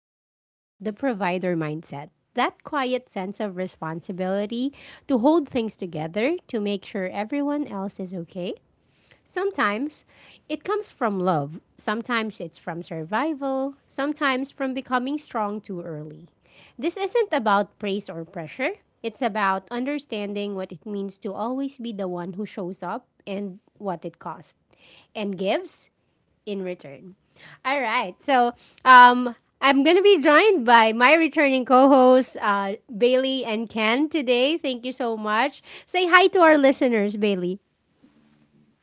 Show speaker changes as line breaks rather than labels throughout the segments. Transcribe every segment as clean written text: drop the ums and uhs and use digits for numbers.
talking about the provider mindset. That quiet sense of responsibility to hold things together, to make sure everyone else is okay. Sometimes it comes from love, sometimes it's from survival, sometimes from becoming strong too early. This isn't about praise or pressure, it's about understanding what it means to always be the one who shows up and what it costs and gives in return. All right, so um, I'm gonna be joined by my returning co-hosts, Bailey and Ken today. Thank you so much. Say hi to our listeners, Bailey.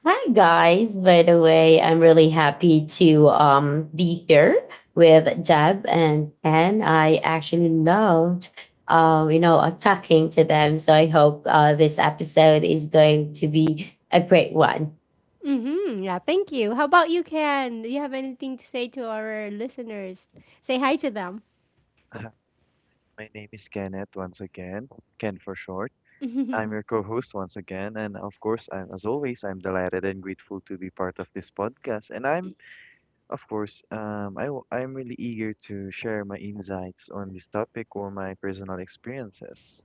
Hi guys, by the way, I'm really happy to be here with Jeb and Ken. I actually loved talking to them, so I hope this episode is going to be a great one.
Mm-hmm. Yeah, thank you. How about you, Ken? Do you have anything to say to our listeners? Say hi to them.
Hi, my name is Kenneth once again, Ken for short. I'm your co-host once again, and of course, I'm delighted and grateful to be part of this podcast. And I'm, of course, I, w- I'm really eager to share my insights on this topic or my personal experiences.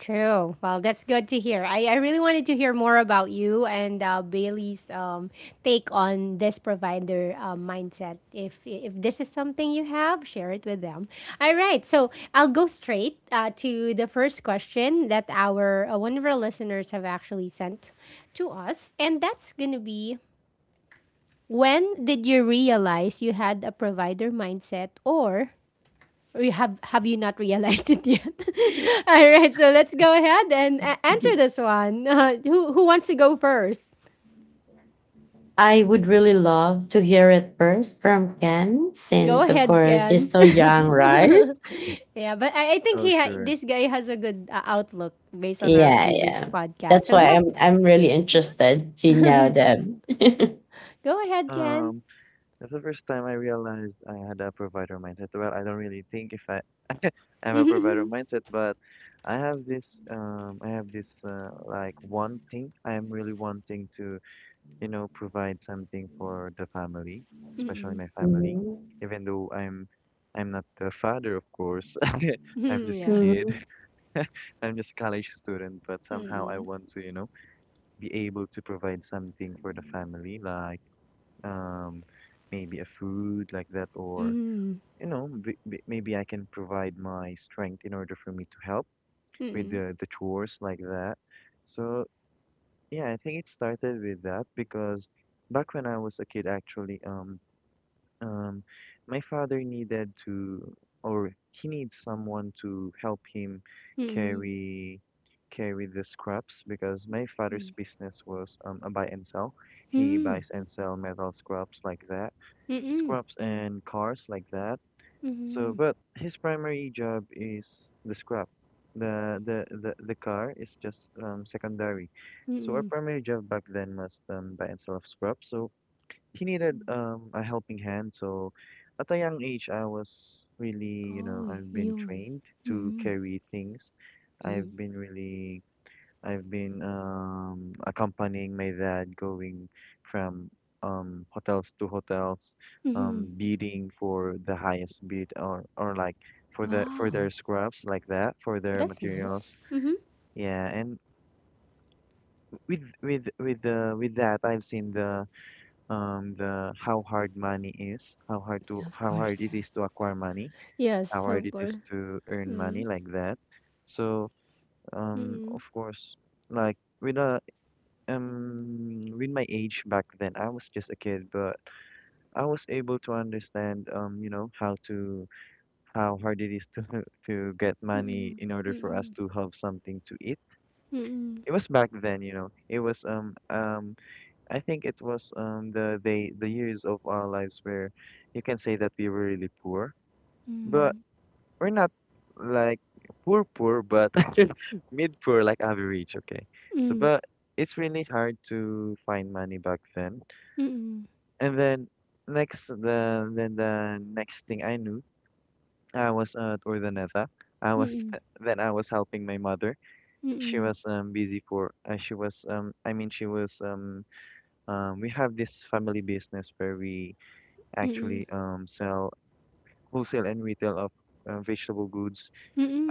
True. Well, that's good to hear. I really wanted to hear more about you and, Bailey's, take on this provider, mindset. If this is something you have, share it with them. All right. So I'll go straight, to the first question that our one of our listeners have actually sent to us, and that's gonna be: when did you realize you had a provider mindset, or you have you not realized it yet? All right, so let's go ahead and answer this one. Who wants to go first?
I would really love to hear it first from Ken,
Go
since of
ahead,
course you're
Ken.
still young, right?
Yeah, but I think
Oh, sure.
this guy has a good, outlook based on our
Yeah,
previous
yeah.
podcast.
That's
So
why
yes,
I'm really interested to know them.
go ahead, Ken.
Um, that's the first time I realized I had a provider mindset. Well, I don't really think if I have a provider mindset, but I have this like wanting. I am really wanting to, you know, provide something for the family, especially my family,
Mhm.
even though I'm not the father, of course. I'm
Mm,
just a
yeah.
kid.
Mhm.
I'm just a college student, but somehow I
Mm,
want to, you know, be able to provide something for the family, like um maybe a food like that, or
mm,
you know, b b maybe I can provide my strength in order for me to help
mm,
with
mm,
the chores like that. So yeah, I think it started with that because back when I was a kid, actually, Um, my father needed to, or he needs someone to help him
mm,
carry carry the scraps because my father's
mm,
business was a buy and sell.
mm,
He
mm,
buys and sell metal scraps like that,
mm,
scraps and cars like that. So,
mm,
but his primary job is the scrap. The car is just secondary. So our
mm.
primary job back then was buy and sell of scraps. So he needed a helping hand. So at a young age, I was really, you
Oh,
know, I've been
yum.
trained to
Mm-hmm.
carry things. I've
Mm-hmm.
been really, I've been accompanying my dad going from hotels to hotels,
Mm-hmm.
bidding for the highest bid or like for the for their
Wow,
scraps like that, for their
that's nice.
materials.
Mm-hmm.
Yeah, and with that, I've seen the how hard money is,
Yeah, of
how hard
course.
it is to acquire money,
Yes,
how hard
of
it
course.
is to earn money
Mm.
like that. So
Mm.
of course, like with a with my age back then, I was just a kid, but I was able to understand, you know, how hard it is to to get money in order for us to have something to eat.
Mm.
It was back then, you know. It was I think it was the years of our lives where you can say that we were really poor, but
Mm.
we're not like poor poor, but mid poor like average, okay. So
Mm.
but it's really hard to find money back then.
Mm.
And then next the then the next thing I knew, I was at Urdaneta. I was
Mm.
then I was helping my mother. She
Mm.
was busy for she was I mean she was we have this family business where we
Mm.
actually, sell wholesale and retail of vegetable goods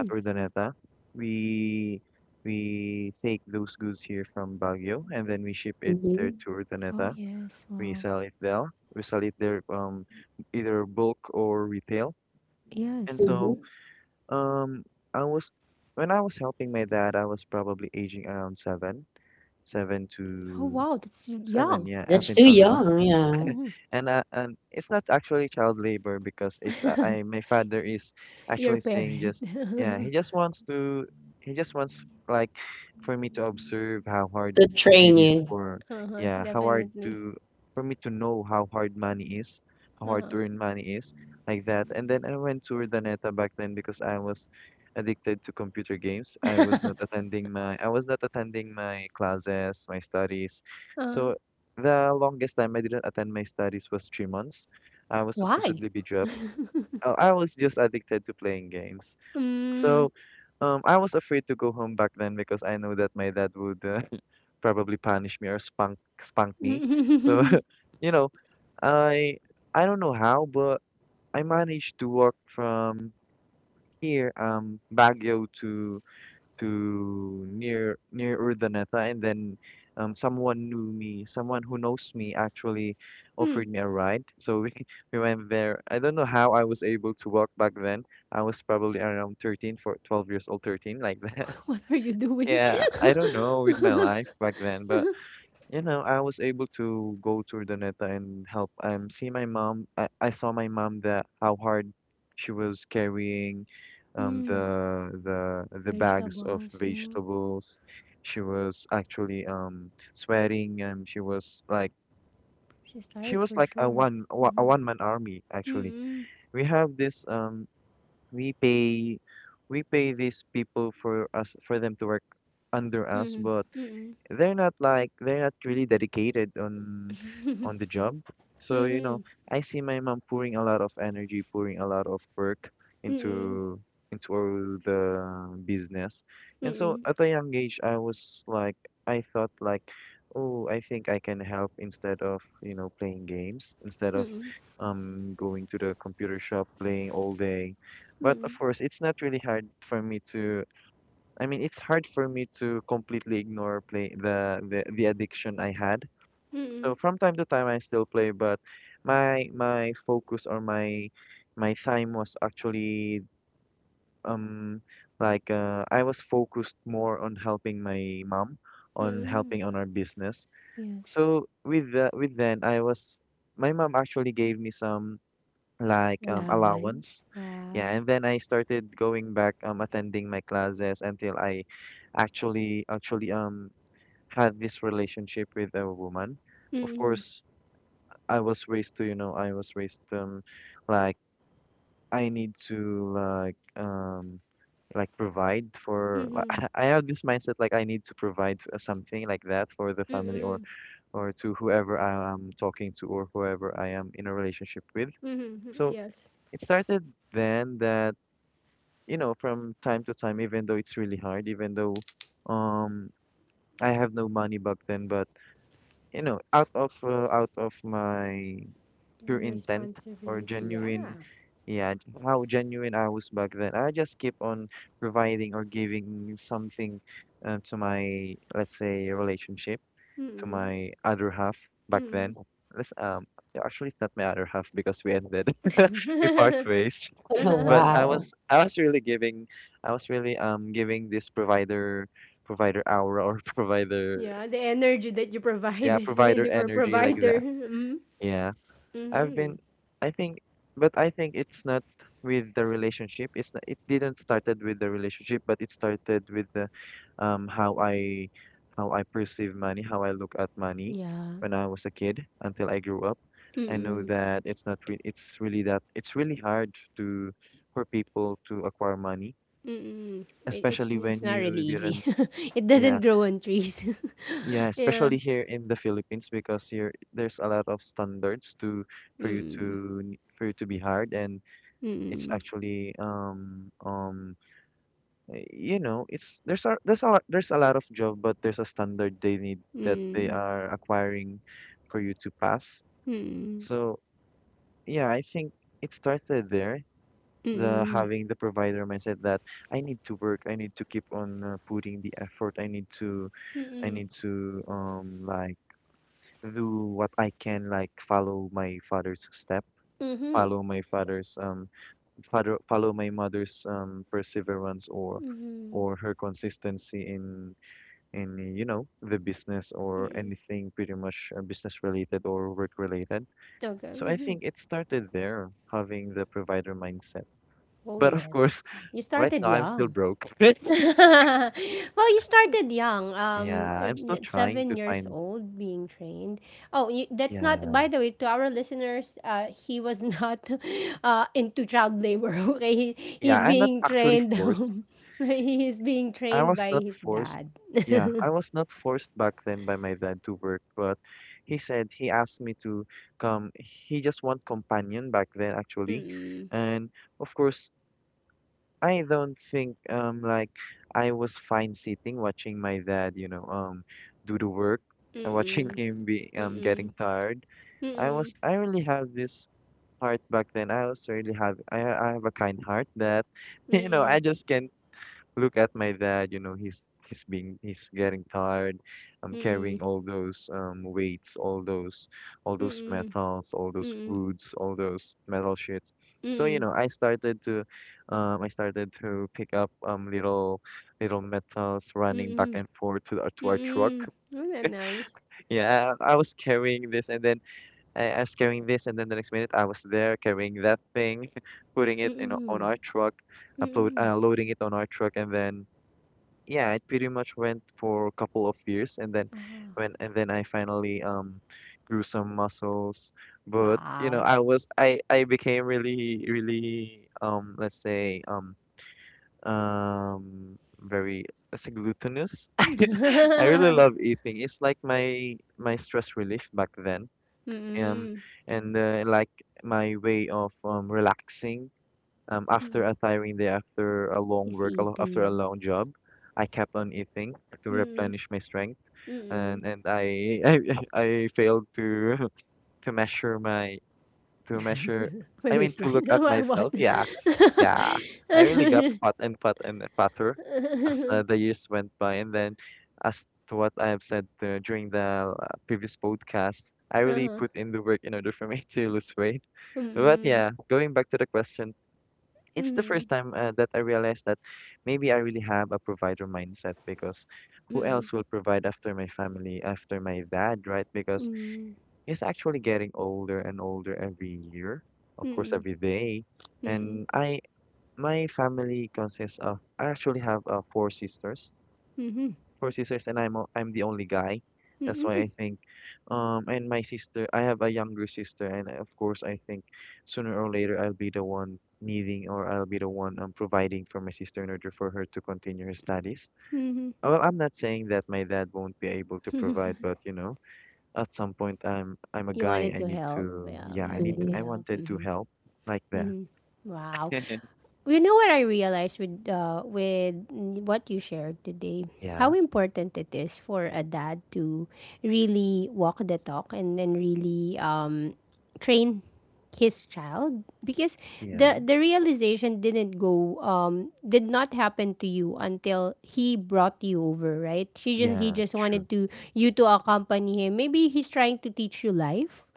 at Urdaneta. We we take those goods here from Baguio and then we ship it there
Mhm.
to
Oh
Urdaneta.
yes.
We
Wow.
sell it there. We sell it there, either bulk or retail.
Yes.
And
Mm-hmm.
so,
Mhm.
um, I was when I was helping my dad, I was probably aging around seven, seven
Oh
to
wow, that's
seven,
young.
yeah, up
That's too
until now.
young, yeah,
Mm-hmm.
And and it's not actually child labor because it's I my father is
Your
actually saying,
parent.
just yeah, he just wants to, he just wants like for me to observe how hard
to
it
train
is
you.
for,
Uh-huh.
yeah, how hard
Definitely.
to for me to know how hard money is, how hard
Uh-huh.
to earn money is, like that. And then I went to Urdaneta back then because I was addicted to computer games. I was not attending my classes, my studies.
Uh-huh.
So the longest time I didn't attend my studies was 3 months. I was
Why?
supposedly be dropped. I was just addicted to playing games. So,
Mm.
I was afraid to go home back then because I know that my dad would, probably punish me or spunk me. So, you know, I I don't know how, but I managed to walk from here, Baguio to near Urdaneta, and then, someone knew me, someone who knows me, actually
Mm.
offered me a ride. So we we went there. I don't know how I was able to walk back then. I was probably around 13, for 12 years old, 13, like that.
What were you doing?
Yeah, I don't know with my life back then, but you know, I was able to go to Urdaneta and help see my mom. I saw my mom, that how hard she was carrying
Mm.
the bags of
Vegetables. Mm.
vegetables. She was actually sweating, she was like
She's tired for
a
sure. Mhm.
one man army, actually.
Mm-mm.
We have this we pay we pay these people for us for them to work under us,
Mm-mm.
but they're not like they're not really dedicated on the job. So, you know,
Mm-mm.
I see my mom pouring a lot of energy, pouring a lot of work
Mm-mm.
into into all the business.
Mm-mm.
And so
Mm-mm.
at a young age, I was like I thought like, oh, I think I can help instead of, you know, playing games, instead of going to the computer shop playing all day. But of
Mm-mm.
course, it's not really hard for me to, I mean, it's hard for me to completely ignore play the addiction I had.
Mm-mm.
So from time to time, I still play, but my focus or my time was actually um I was focused more on helping my mom, on
Mm-mm.
helping on our business.
Yes.
So with the, with then I was my mom actually gave me some, like, allowance.
Allowance.
Yeah,
Wow.
and then I started going back attending my classes until I actually actually, had this relationship with a woman. Of
Mm-mm.
course, I was raised to, you know, I was raised, like I need to, provide for, like,
Mm-mm.
I have this mindset like I need to provide, something like that for the family,
Mm-mm.
or to whoever I am talking to, or whoever I am in a relationship with.
Mm-mm.
So
Yes.
it started then that, you know, from time to time, even though it's really hard, even though, um I have no money back then, but you know, out of, out of my pure
Your
intent, or
responsibility. Yeah.
genuine, yeah, how genuine I was back then, I just keep on providing or giving something, to my, let's say, relationship, to
Mm-mm.
my other half back then.
Mm-mm.
Let's yeah, actually it's not my other half because we ended we part ways. But
Wow.
I was really giving, I was really giving this provider aura, or provider,
Yeah, the energy that you provide
yeah,
is in
provider
your
energy like
provider.
that.
Mm-hmm.
Yeah. I've been,
Mm-hmm.
I think, but I think it's not with the relationship. It's not, it didn't started with the relationship, but it started with the, um, how I, how I perceive money, how I look at money
Yeah.
when I was a kid until I grew up. I know
Mm-mm.
that it's not re it's really that, it's really hard to, for people to acquire money,
Mm-mm. It, it's
especially
it's
when
not really
you
easy.
didn't,
It
yeah,
doesn't grow on trees.
yeah, especially
Yeah.
here in the Philippines because here there's a lot of standards to for you
Mm.
to for you to be hired. And It's
Mm.
actually um um you know, it's there's a lot of job, but there's a standard they need that they
Mm.
are acquiring for you to pass.
Mm.
So yeah, I think it started there. The
Mm.
Having the provider mindset that I need to work, I need to keep on, putting the effort, I need to, do what I can, like follow my father's step,
Mm-hmm.
follow my father's, follow my mother's perseverance, or her consistency in, you know, the business or anything, pretty much, business related or work related.
Okay.
So I
Mm-hmm.
think it started there, having the provider mindset.
Oh
But of
yes.
course,
You
right
started
now I'm still
young.
broke.
Well, you started young,
Yeah, I'm still trying to
7 years
find.
old, being trained. Oh, you, that's not.
Yeah,
By the way, to our listeners, he was not into child labor. Okay, he,
yeah,
he's
I'm not
being
actually
trained,
forced.
He is being
I
trained
was
by
not
his
forced.
dad.
Yeah, I was not forced back then by my dad to work, but he said he asked me to come. He just want companion back then, actually.
Mm-mm.
And of course, I don't think I was fine sitting watching my dad, you know, do the work, and watching
Mm-mm.
him be getting
Mm-mm.
tired. I really have this heart back then. I also really have I have a kind heart that, you know, I
Mm-mm.
just can look at my dad, you know, he's getting tired. I'm
Mm-mm.
carrying all those weights, all
Mm-mm.
those
Mm-mm.
metals, all those
Mm-mm. Mm-mm.
foods, all those metal sheets. So, you know, I started to pick up little little metals running back
Mm-mm.
and forth to our truck.
Mm-mm. Isn't that nice?
Yeah, I was carrying this and then I was carrying this, and then the next minute I was there carrying that thing, putting it in on
Mm-mm.
our truck, upload
Mm-mm.
loading it on our truck. And then yeah, it pretty much went for a couple of years, and then
Ah.
I finally grew some muscles. But you know,
Wow.
I was I became really really let's say very, let's say glutinous. I really love eating. It's like my stress relief back then. Um
Mm,
and Like my way of relaxing, after
mm.
a tiring day, after a long
Is
work, after a
eating.
long job, I kept on eating to
Mm,
replenish my strength,
mm.
and I I failed to to measure my to measure.
My
I mean, to look
waistline.
at
What?
myself. Yeah, yeah. I really got fat and fat and fatter as the years went by. And then as to what I have said during the previous podcast, I really
Uh-huh.
put in the work in order for me to lose weight. But
Mm,
yeah, going back to the question, it's the first
mhm,
time that I realized that maybe I really have a provider mindset, because who
mm,
else will provide after my family, after my dad, right? Because
mm,
he's actually getting older and older every year, of course,
mm,
every day.
mm,
And I, my family consists of, I actually have four sisters,
mhm,
and I'm the only guy. That's why
mhm,
I think, and my sister, I have a younger sister, and of course I think sooner or later I'll be the one needing, or I'll be the one providing for my sister in order for her to continue her studies.
mhm.
Well, I'm not saying that my dad won't be able to provide, but you know, at some point I'm a
You
guy.
wanted
I
to
need
help.
to,
Yeah,
yeah,
you wanted to
I
Mhm.
help.
wanted to
Mhm.
help like that.
Mhm. Wow. You know what I realized with what you shared today?
Yeah,
How important it is for a dad to really walk the talk and then really, train his child, because
yeah,
the realization did not happen to you until he brought you over, right? she just He
yeah,
just
true.
wanted to you to accompany him. Maybe he's trying to teach you life,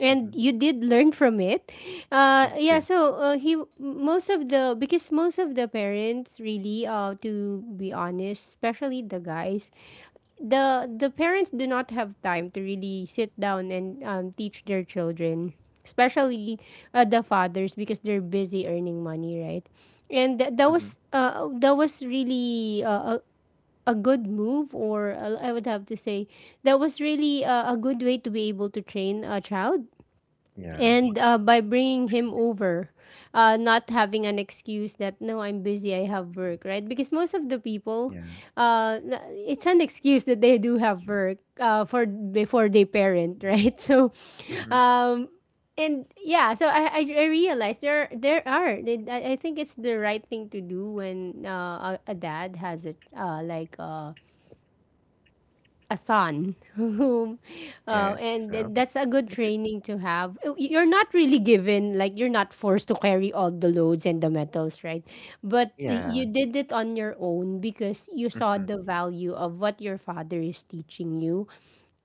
and
Mm-hmm.
you did learn from it. Yeah.
True.
So, he most of the because most of the parents really, to be honest, especially the guys, the parents do not have time to really sit down and, teach their children, especially the fathers, because they're busy earning money, right? And
Mm-hmm.
that was really, a good move, or, I would have to say that was really, a good way to be able to train a child,
Yeah,
and, by bringing him over, not having an excuse that no, I'm busy, I have work, right? Because most of the people,
yeah.
it's an excuse that they do have work, for before they parent. Right? So,
Mm-hmm.
um, and, yeah, so I realized, I think it's the right thing to do when, a dad has a, a son, whom
Yeah, I
uh,
think
and, and
so.
that's a good training to have. You're not really given, like, you're not forced to carry all the loads and the metals, right? But
Yeah.
you did it on your own because you saw the
Mhm.
value of what your father is teaching you,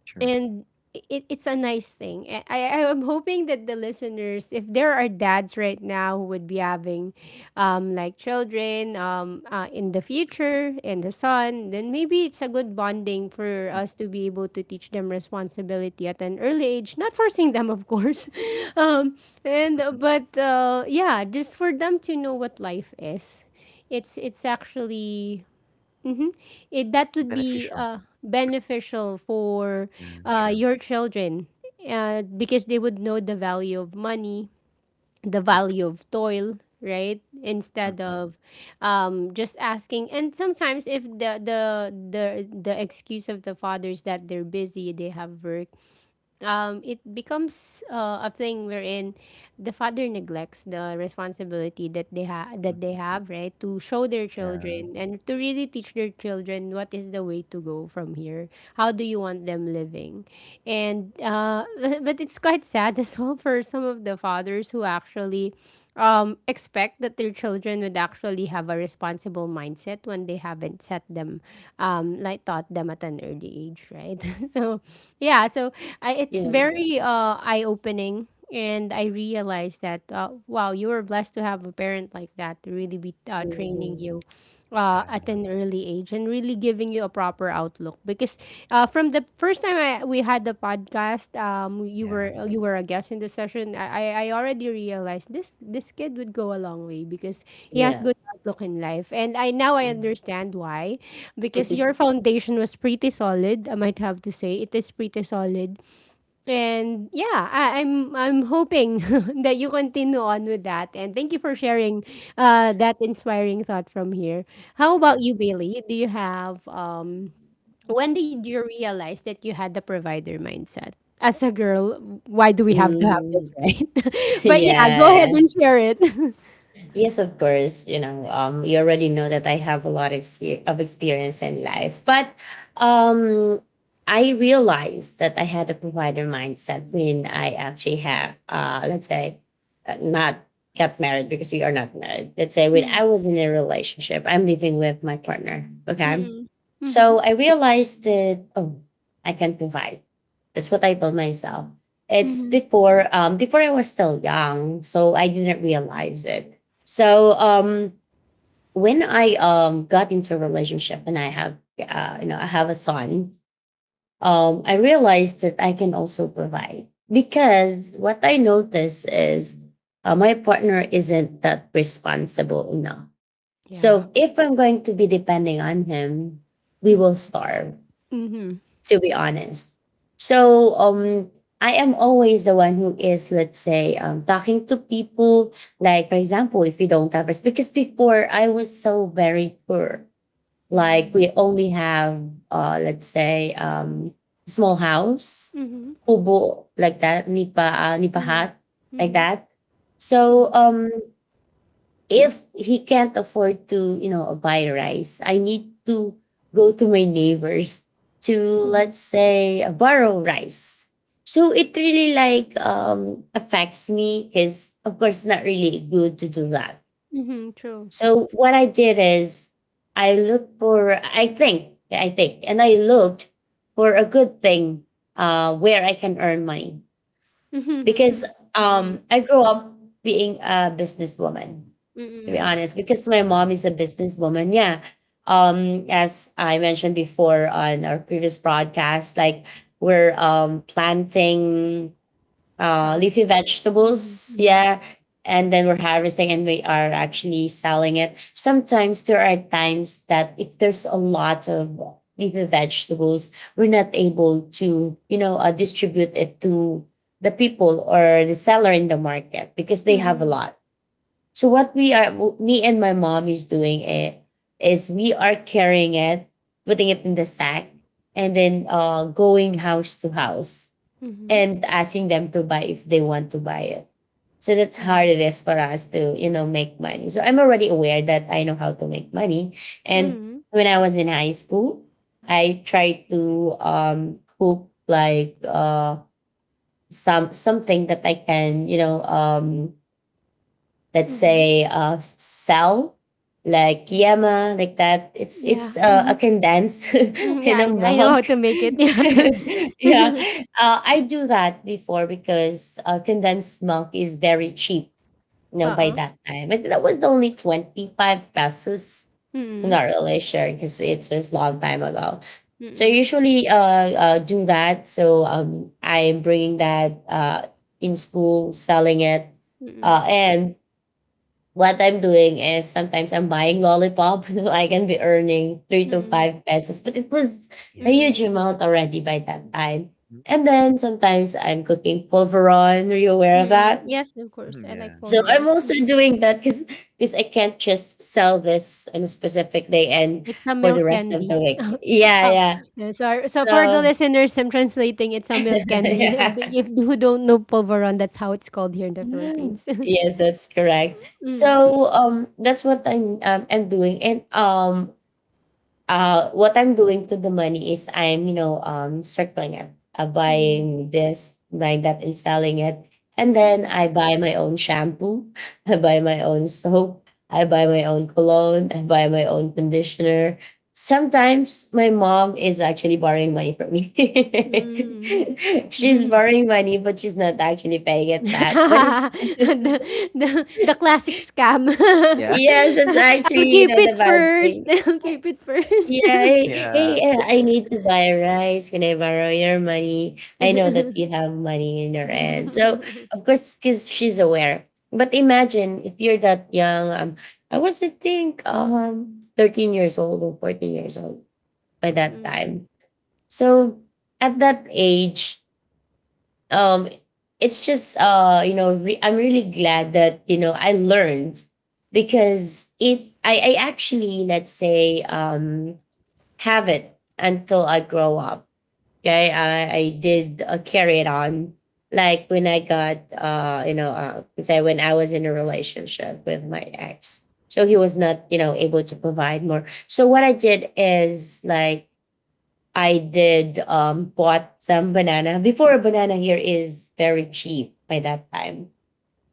True.
and it's a nice thing. I am hoping that the listeners, if there are dads right now who would be having, like children, in the future, and the son, then maybe it's a good bonding for
Mm,
us to be able to teach them responsibility at an early age, not forcing them, of course. um, and
mhm.
but yeah, just for them to know what life is. It's actually... Mm-hmm. That would be,
Beneficial.
beneficial for,
Yeah, true.
your children, because they would know the value of money, the value of toil, right? Instead
Mhm.
of, just asking. And sometimes, if the excuse of the fathers that they're busy, they have work, it becomes, a thing wherein the father neglects the responsibility that they
Mhm.
have, right, to show their
Yeah.
children and to really teach their children what is the way to go from here. How do you want them living? And, but it's quite sad as well for some of the fathers who actually, expect that their children would actually have a responsible mindset when they haven't set them, taught them at an early age, right? So, yeah, so it's
Yeah.
very, eye opening. And I realized that, wow, you were blessed to have a parent like that to really be, training
Mhm.
you, at
Yeah.
an early age, and really giving you a proper outlook. Because, from the first time we had the podcast, you were...
Yeah.
you were a guest in the session, I already realized, this kid would go a long way because he has
Yeah.
good outlook in life. And I now I
Mhm.
understand why, because your foundation was pretty solid. I might have to say it is pretty solid. And yeah, I'm hoping that you continue on with that. And thank you for sharing, that inspiring thought from here. How
Yeah.
about you, Bailey? Do you have when did you realize that you had the provider mindset? As a girl, why do we have to have this,
Mhm.
right? But yeah,
Yeah,
go ahead and
yeah.
share it.
Yes, of course. You know, you already know that I have a lot of, experience in life, but um, I realized that I had a provider mindset when I actually have, let's say, not got married because we are not married. Let's say when
Mm,
I was in a relationship, I'm living with my partner. Okay,
mm-mm. Mhm,
so I realized that oh, I can provide. That's what I told myself. It's
mhm.
before, before I was still young, so I didn't realize it, so when I got into a relationship and I have you know I have a son, I realized that I can also provide because what I notice is my partner isn't that responsible enough.
Yeah.
So if I'm going to be depending on him, we
Mm,
will starve,
mhm,
to be honest. So I am always the one who is, let's say, talking to people. Like, for example, if you don't have us, because before I was so very poor. Like, we only have, let's say, small house,
mhm,
kubo, like that, nipa, nipa
mhm,
hat, like
mhm,
that. So, if he can't afford to, you know, buy rice, I need to go to my neighbors to,
mhm,
let's say, borrow rice. So it really like affects me because, of course, not really good to do that.
mhm. True.
So what I did is I looked for, I think, and I looked for a good thing where I can earn money
Mhm,
because
mhm, mhm,
I grew up being a businesswoman,
mhm,
to be
Yeah.
mhm.
honest, because my mom
Wow.
is a businesswoman. Yeah. As I mentioned before on our previous broadcast, like we're planting
Crops.
leafy
Mhm,
vegetables.
mhm.
Yeah. And then we're harvesting and we are actually selling it. Sometimes there are times that if there's a lot of leafy vegetables, we're not able to, you know, distribute it to the people or the seller in the market because they have a
Mhm,
lot. So what we are, me and my mom is doing it is we are carrying it, putting it in the sack, and then going house to house
mhm,
and asking them to buy if they want to buy it. So that's how
mhm,
it is for us to, you know, make money. So I'm already aware that I know how to make money. And
mhm,
when I was in high school, I tried to cook like some something that I can, you know, let's
mhm.
say cell like yama, like that. It's it's
Yeah,
uh, a
mhm,
condensed
mhm,
you
yeah, I
know
I know
milk.
how to make it, yeah.
Yeah, I do that before because condensed milk is very cheap, you
Uh.
know, by
Uh.
that time, and that was only 25 pesos.
Oo,
I'm
mm,
not really sure because it was long time ago. So I
mm,
usually do that, so I'm bringing that in school selling it,
mm,
and what I'm doing is sometimes I'm buying lollipop. I can be earning three to
mm,
five pesos, but it was a
Yeah.
huge
mm,
amount already by that time.
Mm,
And then sometimes I'm cooking pulveron. Are you aware of
mm.
that?
Yes, of course,
mhm,
I like
Yeah.
So
Polvoron.
I'm also doing that because I can't just sell this on a specific day and
It's a
for the
milk
rest of the
candy.
week. Yeah,
Oh,
yeah.
yeah, sorry. So for the
So
listeners, I'm translating, it's a milk candy.
yeah.
If who don't know Polvoron, that's how it's called here in the Philippines.
Yes, that's correct.
Mm,
So that's what I'm doing. And what I'm doing to the money is I'm, you know, circling it,
mm,
buying this, buying that, and selling it. And then
mm,
I buy my own shampoo, I buy my own soap, I buy my own cologne, I buy my own conditioner. Sometimes my mom is actually borrowing money from me. She's
mm.
borrowing money, but she's not actually paying it back. But it's,
the, the classic scam.
Yeah.
yes, it's
I'll
actually you
keep
know the
it
bad
first.
thing.
I'll keep it first.
Yeah, hey,
Yeah.
hey, I need to buy rice. Can I borrow your money? I know that you have money in your end. So, of course, because she's aware. But imagine if you're that young. I was, I think, 13 years old or 14 years old by
Mhm.
that time. So, at that age, um, it's just, you know, I'm really glad that, you know, I learned because it, I actually, let's say, have it until I grow up. Okay, I did carry it on. Like when I got, you know, say when I was in a relationship with my ex, so he was not, you know, able to provide more. So what I did is like I did bought some banana before. A banana here is very cheap by that time.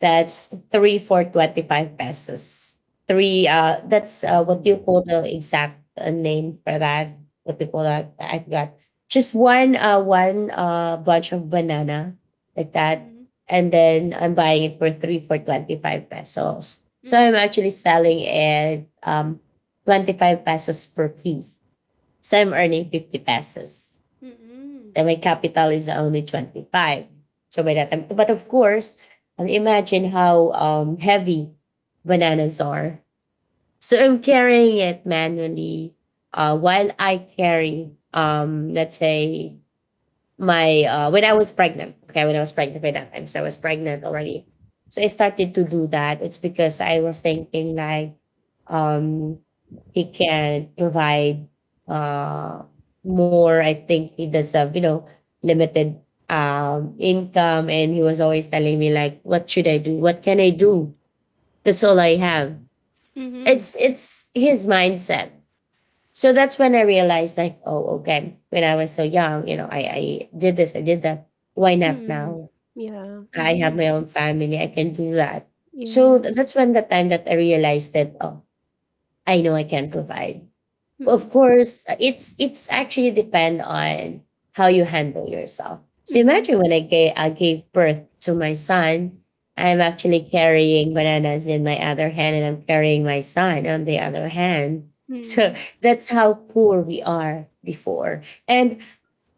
That's three for 25 pesos. Three, that's what do you
Oh.
call the exact name for that? What do you call that? I forgot. Just one, bunch of banana like that.
Mm,
And then I'm buying it for three for 25 pesos.
mm,
So I'm
mm,
actually selling it 25 pesos per piece. So I'm earning 50 pesos.
mm,
Then my capital is only 25. So by that time, but of course, imagine how heavy bananas are. So I'm carrying it manually while I carry, let's say, my when I was pregnant. Okay, when I was pregnant by that time. So I was pregnant already. So I started to do that. It's because I was thinking like um he can provide uh more. I think he does have, you know, limited income and he was always telling me, like, what should I do? What can I do? That's all I have.
Mhm.
mm,
It's his mindset. So that's when I realized, like, oh, okay, when I was so young, you know, I did this, I did that. Why
mm.
not
Mm.
now?
Yeah.
I have
Mm-hmm.
my own family, I can do that. So
Yes.
that's when the time that I realized that, oh, I know I can provide. Of
Mm,
course, it's actually depend on how you handle yourself. So
mm-hmm.
imagine when I gave birth to my son, I'm actually carrying bananas in my other hand and I'm carrying my son on the other hand. So
Mm.
that's how poor we are before. And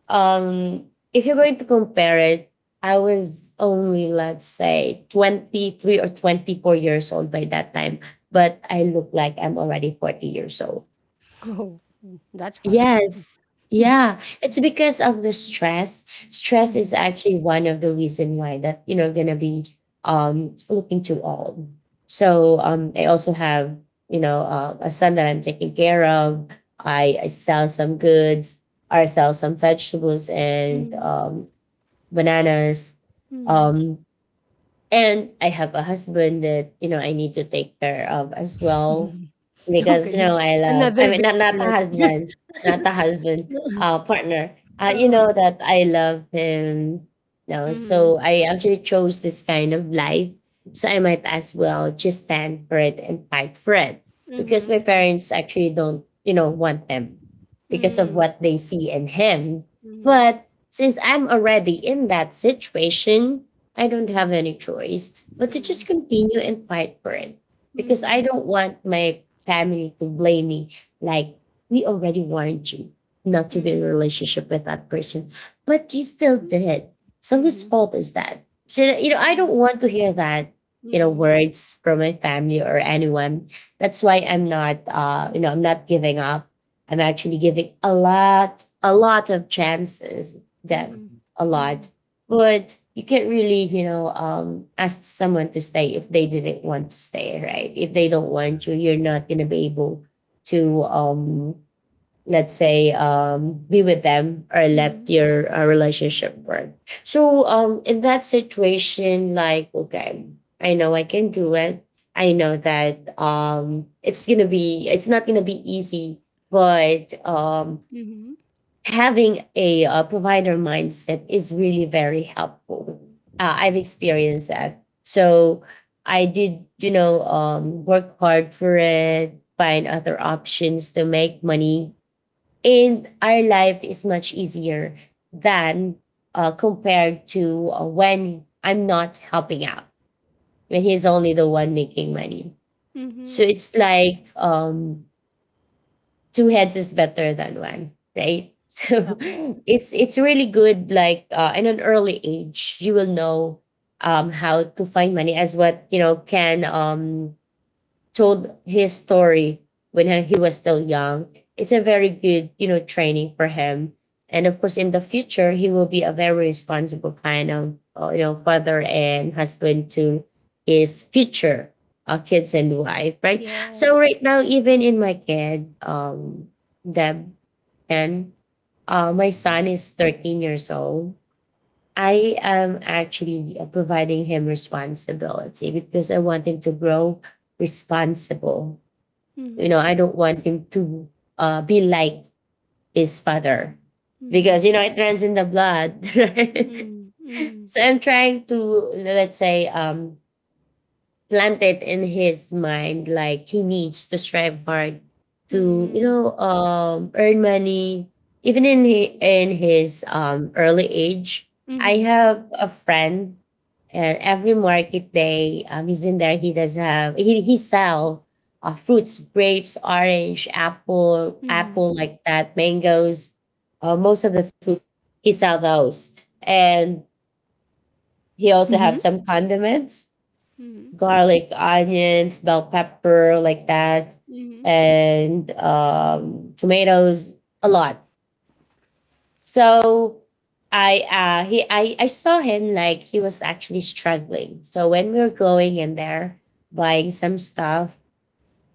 um if you're going to compare it, I was only, let's say, 23 or 24 years old by that time, but I look like I'm already 40 years old.
Oh, mm, that's harsh.
Yes. Yeah. It's because of the stress. Stress is
Mm,
actually one of the reason why that, you know, gonna be looking too old. So I also have, you know, a son that I'm taking care of. I sell some goods or I sell some vegetables and
mm,
bananas.
mm.
Um and I have a husband that, you know, I need to take care of as well. Because, you
Okay.
know, I love, I
Another
mean,
baby
not, the
right there.
husband, not the husband, partner. You
Uh-huh.
know, that I love him. No,
Mm-hmm.
so I actually chose this kind of life. So I might as well just stand for it and fight for it. Because
Mm-hmm.
my
True.
parents actually don't, you know, want them because of
Mm-hmm.
what they see in him.
Mm-hmm.
But since I'm already in that situation, I don't have any choice but to
Mm-hmm.
just continue and fight for it because I
Mhm.
don't want my family to blame me. Like, we already warned you not to be in a
Mm.
relationship with that person, but you still did. So, whose
Mhm.
fault is that? So, you know, I don't
Mhm.
want to hear that, you know,
Mhm.
words from my family or anyone. That's why I'm not, you know, I'm not giving up. I'm actually giving a lot of chances. That
Mhm.
Mhm.
a
Mhm.
lot, but you can't really, you know, ask someone to stay if they didn't want to stay, right? If they don't
Yeah.
want you, you're not going to be able to let's say be with them or let
Mhm.
your relationship work. So in that situation, like, okay, I know I can do it, I know that it's going to be, it's not going to be easy, but
Mhm.
having a, provider mindset is really very helpful. I've
Mhm.
experienced that. So I did, you know, work hard for it, find other options to make money. And our life is much easier than compared to when I'm not helping out, when he's only the one making money. So
Mhm.
it's like, two heads is better than one, right?
Yep.
So it's really good. Like in an early age, you will know how to find money, as what you know Ken told his story when he was still young. It's a very good, you know, training for him. And of course, in the future, he will be a very responsible kind of, you know, father and husband to his future kids and wife, right? So
Yes.
right now, even in my kid, Deb, and my
Mhm.
son is 13 years old. I am actually providing him responsibility because I want him to grow responsible. You
Mhm.
know,
Mhm.
I don't want him to be like his father
Mhm.
because, you know, it runs in the blood. Right?
Mhm.
So I'm trying to, let's say, planted in his mind like he needs to strive hard to
Mhm.
earn money even in he, in his early age. I
Mhm.
have a friend, and every market day he's in there, he does have he sell fruits, grapes, orange, apple
Mhm.
apple like that, mangoes, most of the fruit he sell those. And he also have some condiments,
Mhm.
garlic, onions, bell pepper, like that,
Mhm.
and tomatoes, a lot. So I I saw him like he was actually struggling. So when we were going in there buying some stuff,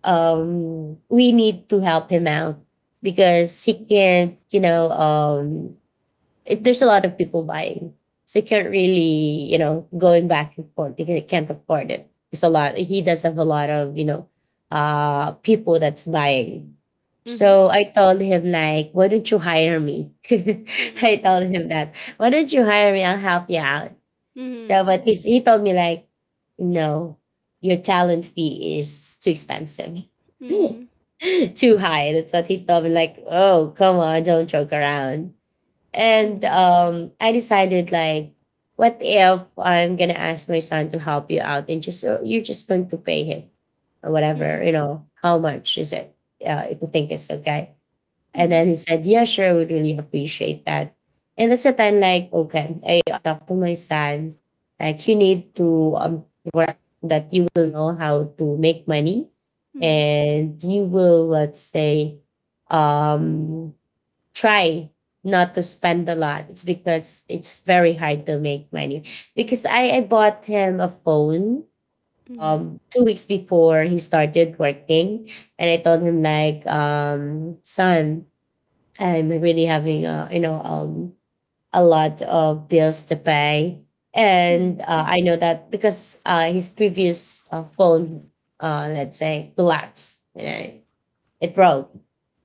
we need to help him out because he can't, you know, it, there's a lot of people buying. So you can't really, you know, going back and forth. You can't afford it. It's a lot. He does have a lot of, you know, people that's buying.
Mhm.
So I told him like, why don't you hire me? I
Mhm.
told him that. Why don't you hire me? I'll help you out.
Mhm. Mhm.
So, but he told me like, no, your talent fee is too expensive.
Mhm.
Too high. That's what he told me. Like, oh, come on, don't joke around. And
Mhm.
I decided like, what if I'm gonna ask my son to help you out and just you're just going to pay him or
Mhm.
whatever,
Mhm.
you know, how much is it? If you think it's okay.
Mhm. Mhm. Mhm.
And
Mhm. Mhm.
then he said, yeah, sure, I would really appreciate that. And that's the time like, okay, I talked to my son, like you need to work that you will know how to make money, and you will, let's say, um try not to spend a lot. It's because it's very hard to make money. Because I bought him a phone 2 weeks before he started working. And I told him like, son, I'm really having a a lot of bills to pay. And I know that because his previous phone, let's say, collapsed. You know, it broke.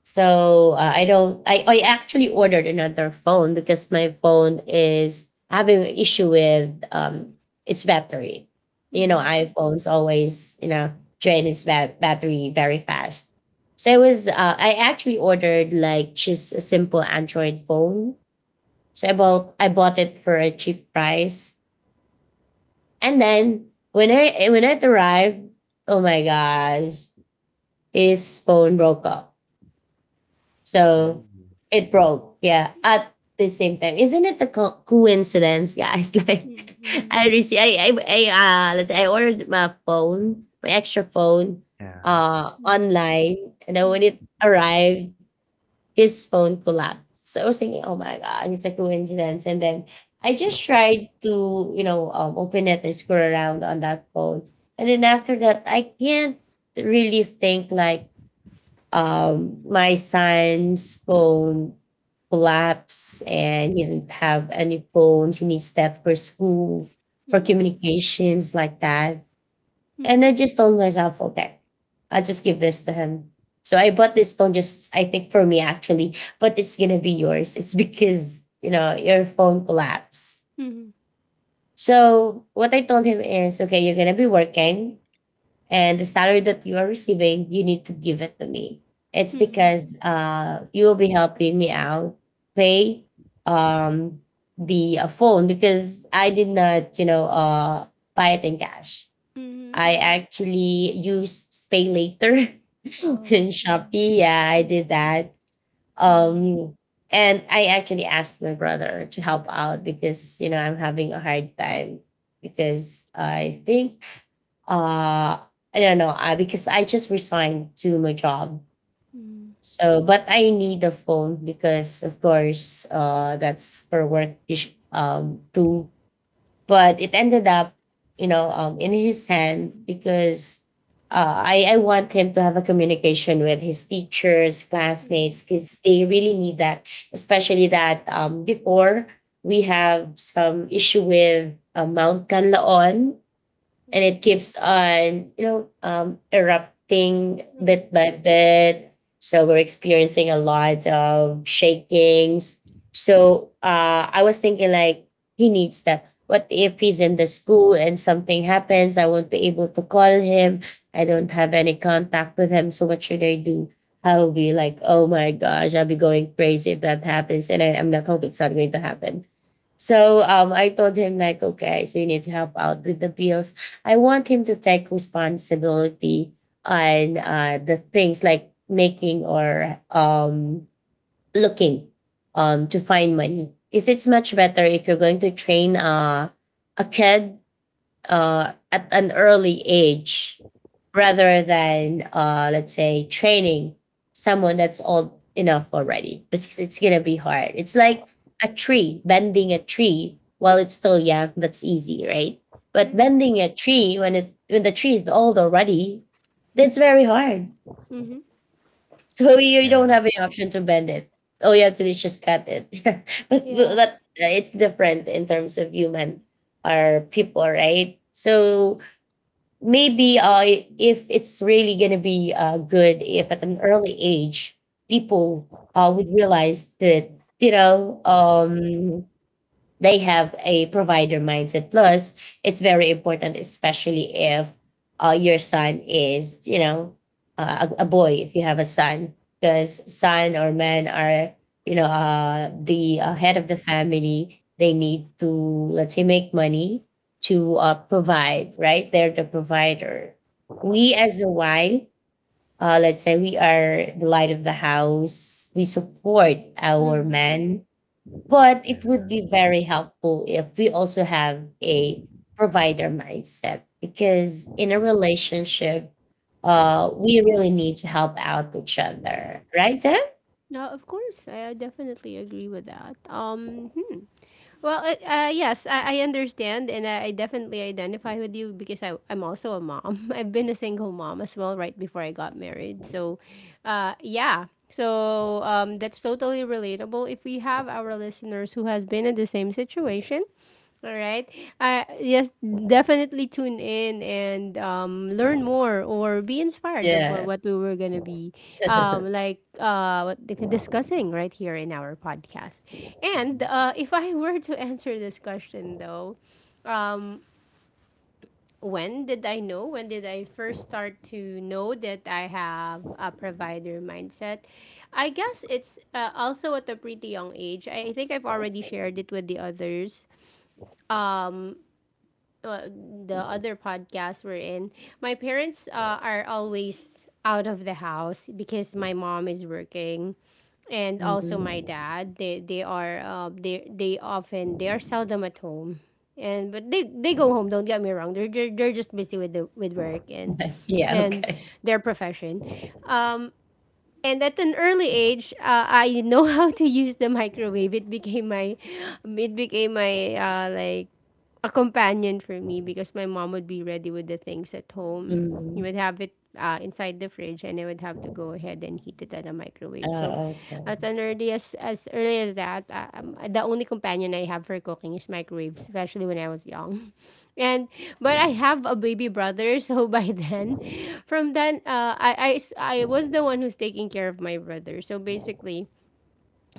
So I don't. I actually ordered another phone because my phone is having an issue with its battery. You know, iPhones always you know drain its battery very fast. So it was. I actually ordered like just a simple Android phone. So I bought it for a cheap price, and then when it arrived, oh my gosh, his phone broke off.
Oh.
So it broke. Yeah. At the same time, isn't it a coincidence, guys? Like I received, I, let's say I ordered my phone, my extra phone,
Yeah.
online, and then when it arrived, his phone collapsed. So I was thinking, oh my god, it's a coincidence. And then I just tried to, you know, open it and scroll around on that phone, and then after that, I can't really think like my son's phone collapsed and he didn't have any phones. He needs that for school, for communications like that.
Mhm. Mhm. Mhm.
And
Mhm. Mhm.
I just told myself, okay, I'll just give this to him. So I bought this phone just, I think, for me actually, but it's going to be yours. It's because, you know, your phone collapsed. So what I told him is, okay, you're going to be working and the salary that you are receiving, you need to give it to me. It's
Mhm.
because you will be helping me out pay um, the phone because I did not, you know, buy it in cash.
Mhm. Mhm.
I actually used Pay Later
Mhm.
in Shopee.
Um.
Yeah, I did that.
Mm,
Um, and I actually asked my brother to help out because you know I'm having a hard time because I think uh I don't know I because I just resigned to my job.
mm.
So but I need a phone because of course that's for work to, but it ended up you know in his hand because I want him to have a communication with his teachers, classmates
Mm-hmm.
because they really need that, especially that before we have some issue with Mount Kanlaon, and it
Mm-hmm.
keeps on you know erupting bit
Mm-hmm.
by bit. So we're experiencing a lot of shakings. So I was thinking like he needs that. What if he's in the school and something happens? I won't be able to call him. I don't have any contact with him. So what should I do? I will be like, oh my gosh, I'll be going crazy if that happens, and I'm not hoping it's not going to happen. So I told him like, okay, so you need to help out with the bills. I want him to take responsibility on the things like making or looking to find money. Because it's much better if you're going to train a kid at an early age rather than let's say training someone that's old enough already because it's gonna be hard. It's like a tree, bending a tree while it's still young, that's easy, right? But
Mm-hmm.
bending a tree when it when the tree is old already, that's very hard.
Mm-hmm.
So you don't
Yeah.
have any option to bend it. All you have to do is just cut it. but
Yeah.
but it's different in terms of human or people, right? So maybe if it's really going to be good if at an early age people would realize that you know they have a provider mindset. Plus, it's very important, especially if your son is, you know, a boy, if you have a son, because son or men are, you know, the head of the family. They need to, let's say, make money to provide, right? They're the provider. We as a wife, let's say we are the light of the house. We support our
Mm.
men, but
Yeah.
it would be very helpful if we also have a provider mindset because in a relationship, we really need to help out each other, right, Deb?
No, of course, I definitely agree with that. Hmm. Well, yes, I understand, and I definitely identify with you because I'm also a mom. I've been a single mom as well, right before I got married. So, yeah. So, that's totally relatable. If we have our listeners who has been in the same situation. All right. Yes, definitely tune in and, learn more or be inspired of,
Yeah.
what we were gonna be, discussing right here in our podcast. And,
Mhm.
if I were to answer this question though, when did I know? When did I first start to know that I have a provider mindset? I guess it's, also at a pretty young age. I think I've already shared it with the others uh, the other podcast we're in. My parents are always out of the house because my mom is working, and also
Mhm.
my dad. They they are uh, they they often they are seldom at home. And but they they go home, don't get me wrong. They're just busy with the with work and
Yeah.
and
Okay.
their profession. Um, and at an early age, I know how to use the microwave. It became my like a companion for me because my mom would be ready with the things at home. He would
Mhm.
have it inside the fridge, and I would have to go ahead and heat it at a microwave. So,
Oh, okay.
at an early as early as that, the only companion I have for cooking is microwave, especially when I was young. And but I have a baby brother, so by then, from then, I was the one who's taking care of my brother. So basically,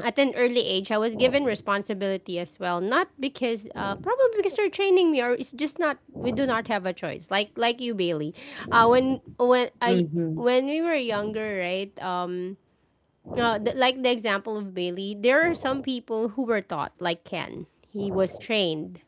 at an early age, I was given responsibility as well. Not because, probably because they're training me, or it's just not. We do not have a choice. Like you, Bailey. When I,
Hmm.
when we were younger, right? Like the example of Bailey, there are some people who were taught, like Ken. He was trained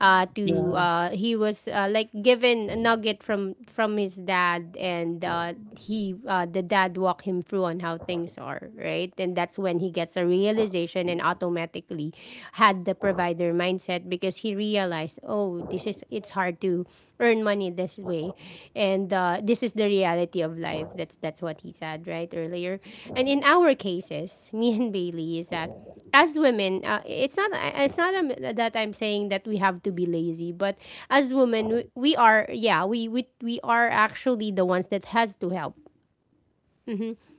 to.
Yeah.
Yeah.
He was like given a nugget from his dad, and he the dad walked him through on how things are, right? And that's when he gets a realization and automatically had the provider mindset because he realized realize, oh, this is it's hard to earn money this way, and this is the reality of life. That's what he said right earlier. And in our cases, me and Bailey is that as women, it's not that I'm saying that we have to be lazy, but as women, we are, yeah, we are actually the ones that has to help.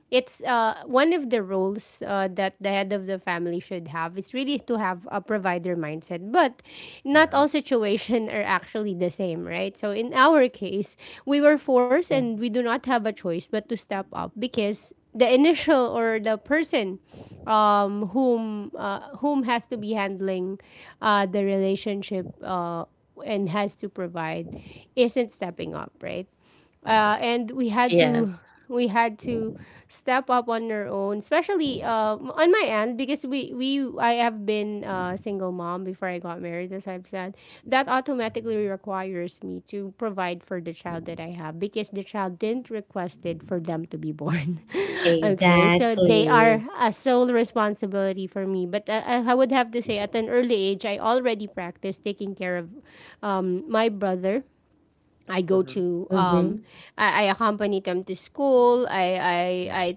It's one of the roles that the head of the family should have is really to have a provider mindset, but not
Yeah.
all situations are actually the same, right? So in our case, we were forced
Yeah.
and we do not have a choice but to step up because the initial or the person whom has to be handling the relationship and has to provide isn't stepping up, right? And we had to,
Yeah.
we had to step up on our own, especially on my end, because we I have been a single mom before I got married, as I've said. That automatically
Mhm.
requires me to provide for the child that I have because the child didn't requested for them to be born.
True.
Okay, so they are
Exactly.
a sole responsibility for me. But I would have to say at an early age I already practiced taking care of my brother. I go
Mhm.
to um
Hmm.
I accompany them to school.
Yeah.
I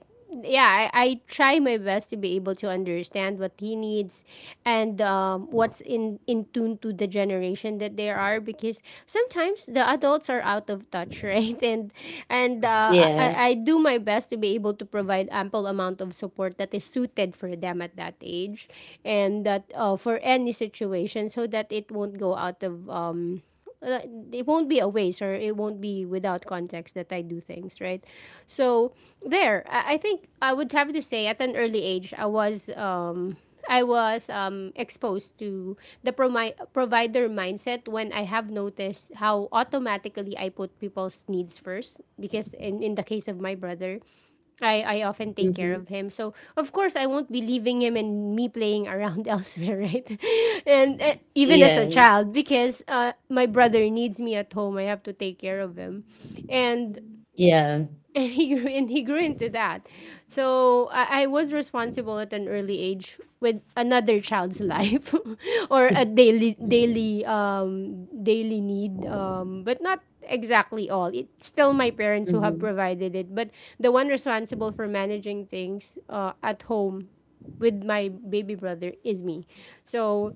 Yeah, I try my best to be able to understand what he needs and what's in tune to the generation that they are, because sometimes the adults are out of touch, right? And and
Mhm.
uh,
Yeah.
I, I do my best to be able to provide ample amount of support that is suited for them at that age and that for any situation, so that it won't go out of it won't be a waste or it won't be without context that I do things, right? So there, I think I would have to say at an early age, I was exposed to the provider mindset when I have noticed how automatically I put people's needs first. Because in the case of my brother, I often take care
Hmm.
of him. So of course I won't be leaving him and me playing around elsewhere, right? And even as a
Yeah.
child, because my brother needs me at home, I have to take care of him. And
Yeah.
and he grew into that. So I was responsible at an early age with another child's life, or a daily need, but not exactly all. It's still my parents who have
Hmm.
provided it, but the one responsible for managing things at home with my baby brother is me. So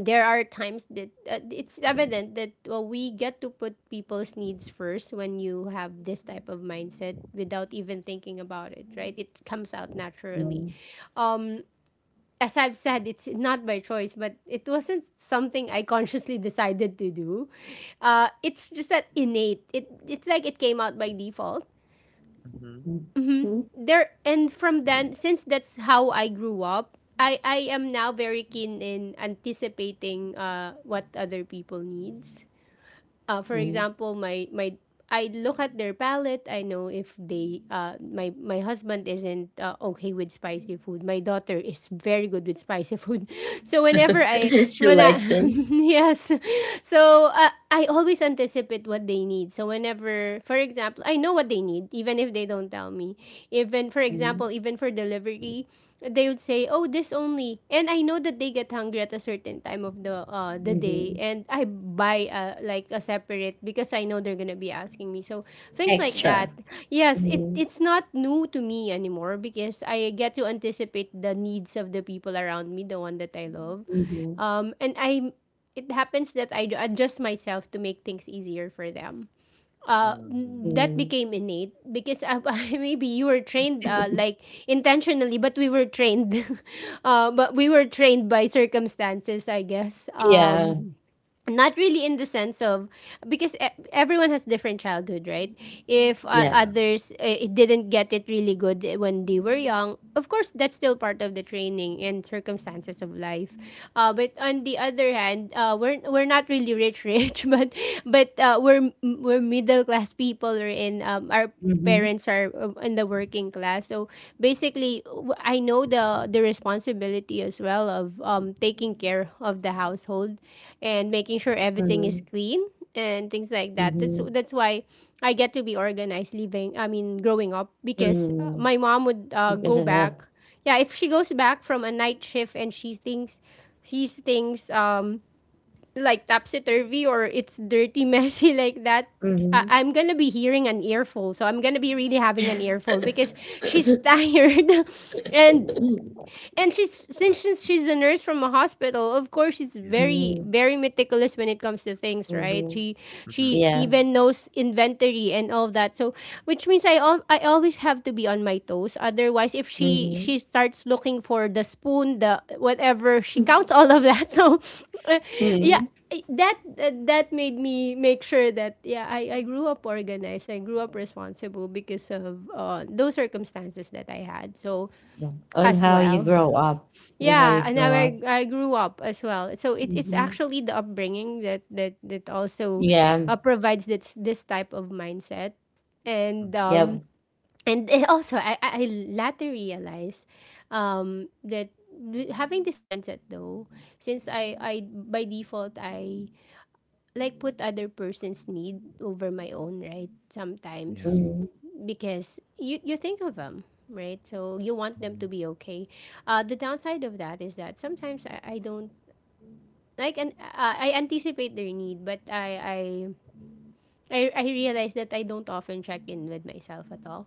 there are times that it's evident that, well, we get to put people's needs first when you have this type of mindset without even thinking about it, right? It comes out naturally. um as I've said, it's not by choice, but it wasn't something I consciously decided to do. It's just that innate. It's like it came out by default
Mhm.
there, and from then, since that's how I grew up, I am now very keen in anticipating what other people needs. For
Hmm.
example, my I look at their palate. I know if they my my husband isn't okay with spicy food. My daughter is very good with spicy food. So whenever I,
She
when I,
liked him.
yes, so I always anticipate what they need. So whenever, for example, I know what they need even if they don't tell me. Even for example,
Mhm,
even for delivery, they would say, "Oh, this only." And I know that they get hungry at a certain time of the day,
mhm.
and I buy like a separate because I know they're gonna be asking me. So things like that.
Extra.
Yes,
Mhm,
it's not new to me anymore because I get to anticipate the needs of the people around me, the one that I love,
mhm,
and I. It happens that I adjust myself to make things easier for them. uh,
Mhm.
that
mhm.
became innate because maybe you were trained like intentionally, but we were trained, but we were trained by circumstances, I guess.
Yeah,
Not really in the sense of, because everyone has different childhood, right? If
yeah.
Yeah.
others, it didn't get it really good when they were young, of course that's still part of the training and circumstances of life. But on the other hand, we're not really rich rich, but we're middle class people. We're in Our
Mhm.
parents are in the working class. So basically, I know the responsibility as well of taking care of the household and making sure everything is
Mhm,
clean and things like that. That's
Mhm.
mhm,
that's why I get to be organized living. I mean, growing up, because
mhm.
my mom would
Because
go
of that.
back. Yeah, if she goes back from a night shift and she thinks sees things like topsy turvy or it's dirty, messy like that, I-
Mhm.
I'm gonna be hearing an earful. So I'm gonna be really having an earful because she's tired and she's, since she's a nurse from a hospital, of course she's
Yeah.
very
Mhm,
very meticulous when it comes to things, right?
mhm.
She
Mhm.
she
Yeah.
even knows inventory and all that. So which means I always have to be on my toes. Otherwise, if she
Mhm.
she starts looking for the spoon, the whatever, she counts all of that. So uh, yeah,
Mhm.
I- that that made me make sure that, yeah, I grew up organized. I grew up responsible because of those circumstances that I had. So
Yeah. On
as
how you
well,
grow up, on how you
yeah, and now
grow
I
up.
I grew up as well. So it's
Mhm.
actually the upbringing that that also
Yeah,
provides this type of mindset, and
Mhm.
yep.
also I later realized that, having this mindset, though, since I by default I like put other person's need over my own, right? Sometimes,
Yeah.
Mhm.
because you think of them, right? So you want them
Mm-hmm.
to be okay. The downside of that is that sometimes I don't like, and I anticipate their need, but I realize that I don't often check in with myself at all.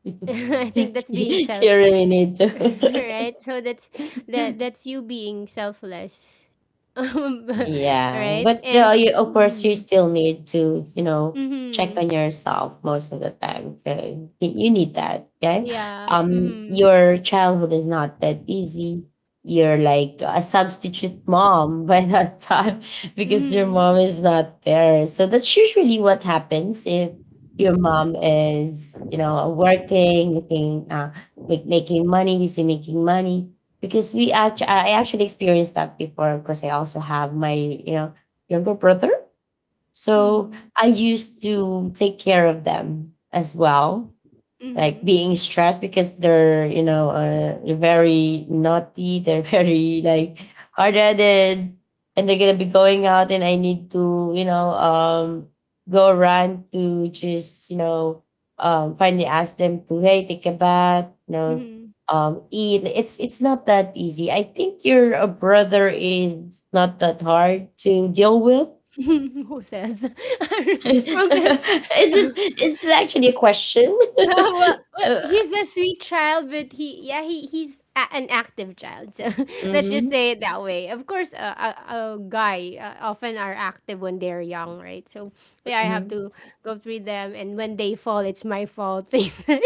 I
Oh.
think that's being
You
self
really need to.
right? So that's, that that's you being selfless. um,
Yeah.
Yeah,
right.
but
And
you, of course you
mm-hmm,
still need to you know check
mm-hmm,
on yourself most of the time, okay? You need that, okay.
yeah, mm-hmm,
Your childhood is not that easy. You're like a substitute mom by that time because your
mm-hmm,
mom is not there, so that's usually what happens if your mom is you know working, making making money, busy making money. Because I
Mhm.
actually experienced that before because I also have my you know younger brother. So
mm-hmm,
I used to take care of them as well, like
mm-hmm.
being stressed because they're you know very naughty. They're very like hard-headed, and they're gonna be going out and I need to you know go around to just you know finally ask them to, hey, take a bath, you know,
Mm-hmm.
eat. It's not that easy. I think your brother is not that hard to deal with.
Who says? Okay.
It's just it's actually a question.
Well,
Uh,
he's a sweet child, but he, yeah, he's an active child. So let's just
mhm.
say it that way. Of course, a guy often are active when they're young, right? So yeah, I have
Mhm.
to go through them, and when they fall, it's my fault. Things like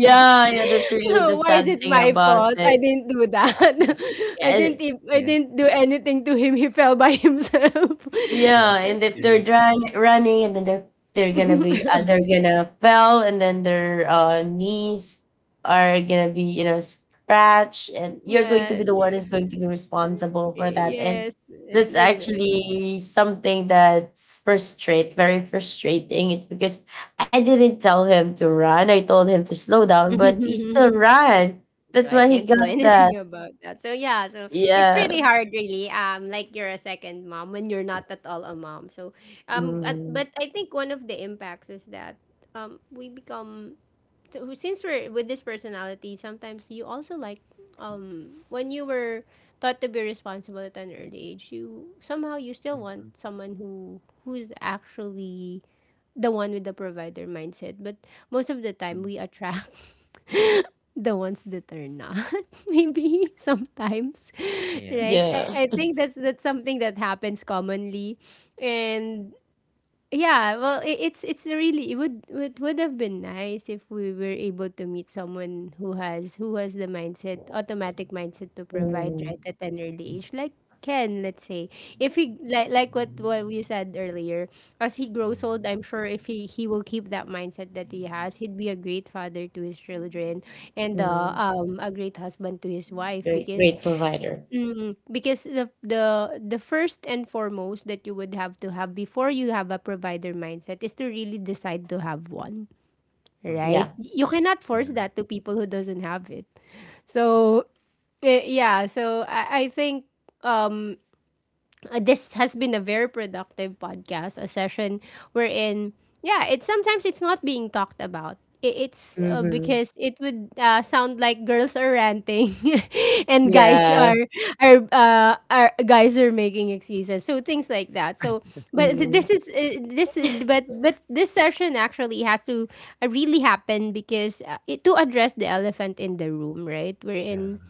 that.
yeah, that's really the
No, why is
sad
it
thing
my
about
fault? I
it.
didn't do that.
Yeah,
I
Mhm.
didn't.
and
I
Yeah.
didn't do anything to him. He fell by himself.
yeah, and if they're
Yeah.
running, and then they're gonna be they're gonna fell, and then their knees are gonna be you know scratched, and you're going to
Yeah.
be the one who's going to
Mhm.
be responsible for that. And
Yes, and
that's
then
actually something that's very frustrating. It's because I didn't tell him to run. I told him to slow down, but he still ran.
so
That's
I
why he
can't do
got that.
anything about that. So yeah, so it's pretty
Yeah.
hard really. Like you're a second mom when you're not at all a mom. So
Mm.
but I think one of the impacts is that we become so since we're with this personality, sometimes you also like when you were taught to be responsible at an early age, you somehow you still want
Mhm.
someone who's actually the one with the provider mindset. But most of the time,
Mhm.
we attract the ones that are not. Maybe sometimes,
Yeah.
right?
Yeah.
I think that's something that happens commonly, and yeah, well, I it's really it would have been nice if we were able to meet someone who has the mindset, automatic mindset to provide right
Mhm,
at an early age, like Ken, let's say. If he like what we said earlier, as he grows old, I'm
Yeah.
sure if he will keep that mindset that he has, he'd be a great father to his children and
mhm.
a great husband to his wife
Great
because
great provider.
mm, because the first and foremost that you would have to have before you have a provider mindset is to really decide to have one, right?
Mhm.
Yeah.
You cannot force
Yeah.
that to people who doesn't have it. So, yeah, so I think um this has been a very productive podcast, a session wherein, yeah, it's sometimes it's not being talked about. It's
Mhm.
because it would sound like girls are ranting, and guys
Yeah.
are guys are making excuses. So things like that. So, but th-
Mhm.
this is this but this session actually has to really happen because to address the elephant in the room, right? We're
Yeah.
in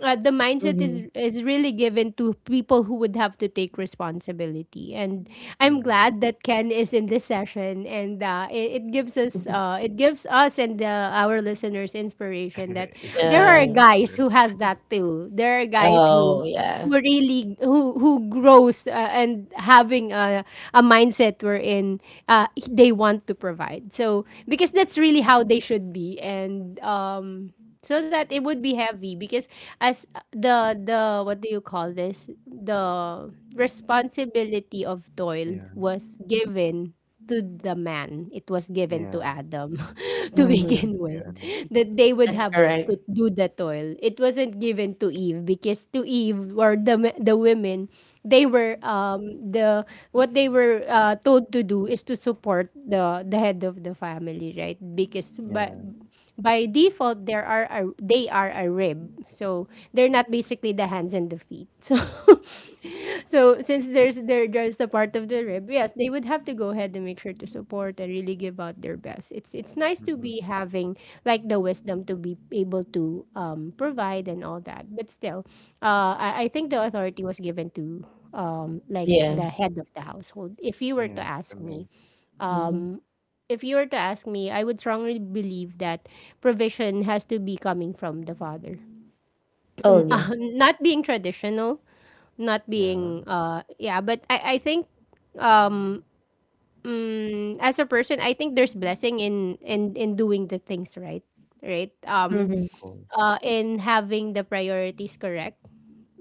The mindset is
Mhm.
is really given to people who would have to take responsibility, and I'm
Mhm.
glad that Ken is in this session and it gives us and our listeners inspiration that
It's
there
actually
Yeah.
my
are guys
pleasure.
who has that too, there are guys
Oh, yeah.
who really who grows and having a mindset wherein they want to provide so because that's really how they should be. And so that it would be heavy because as the what do you call this the responsibility of toil
Yeah.
was given to the man. It was given to
Yeah.
Adam to
Yeah,
Mhm.
begin
to be
with,
honest.
that they would
That's
have to
correct.
do the toil. It wasn't given to Eve because to Eve, or the women, they were the they were told to do is to support the head of the family, right? because but
Yeah.
By default, they are a rib, so they're not basically the hands and the feet. So so since there's they're just a part of the rib, yes, they would have to go ahead and make sure to support and really give out their best. It's nice to
Mhm.
be having like the wisdom to be able to provide and all that, but still I think the authority was given to like
Yeah.
the head of the
Yeah.
household, if you were
Yeah,
to
I
ask me.
mean,
Mhm.
um, if you were to ask me, I would strongly believe that provision has to be coming from the father.
Oh, yeah.
Not being traditional, not
yeah,
being yeah, but I think um as a person, I think there's blessing in in doing the things right, right?
of
Mhm.
course.
In having the priorities correct,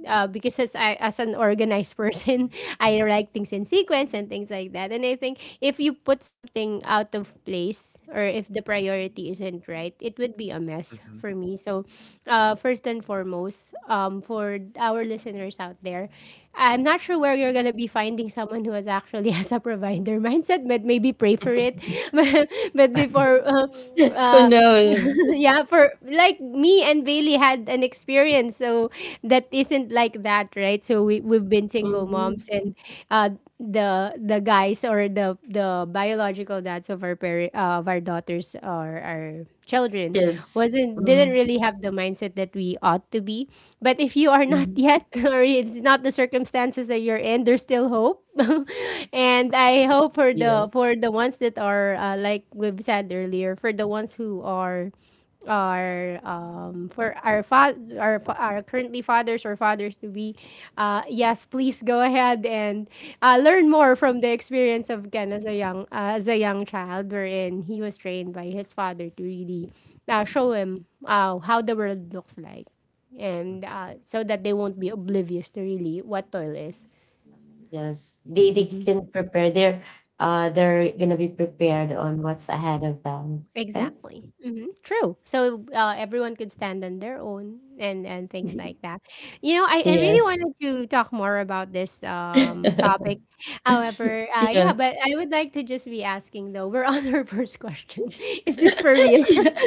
because as I, as an organized person, I like things in sequence and things like that. And I think if you put something out of place, or if the priority isn't right, it would be a mess
Mhm.
for me. So, first and foremost, for our listeners out there, I'm not sure where you're gonna be finding someone who is actually has a provider mindset, but maybe pray for it. but before
Who knows?
Yeah, for like me and Bailey had an experience, so that isn't like that, right? So we we've been single moms,
Mhm.
and uh, the guys, or the biological dads of our parent of our daughters or our children,
Kids.
wasn't didn't
Mhm.
really have the mindset that we ought to be. But if you are not
Mhm.
yet, or it's not the circumstances that you're in, there's still hope. And I hope for
Yeah.
the ones that are like we've said earlier, for the ones who are our for our fa- our, fa- our currently fathers or fathers to be, yes, please go ahead and learn more from the experience of Ken as a young child, wherein he was trained by his father to really show him how the world looks like,
Mm,
and so that they won't be oblivious to really what toil is.
Yes. They
Mm-hmm.
can prepare. They're they're gonna be prepared on what's ahead of them, right?
Exactly. Hmm. True. So everyone could stand on their own and things like that. You know, I
Yeah.
really
Yes.
wanted to talk more about this topic. However, yeah,
Yeah.
but I would like to just be asking though. We're on our first question. Is this for real?
Yeah.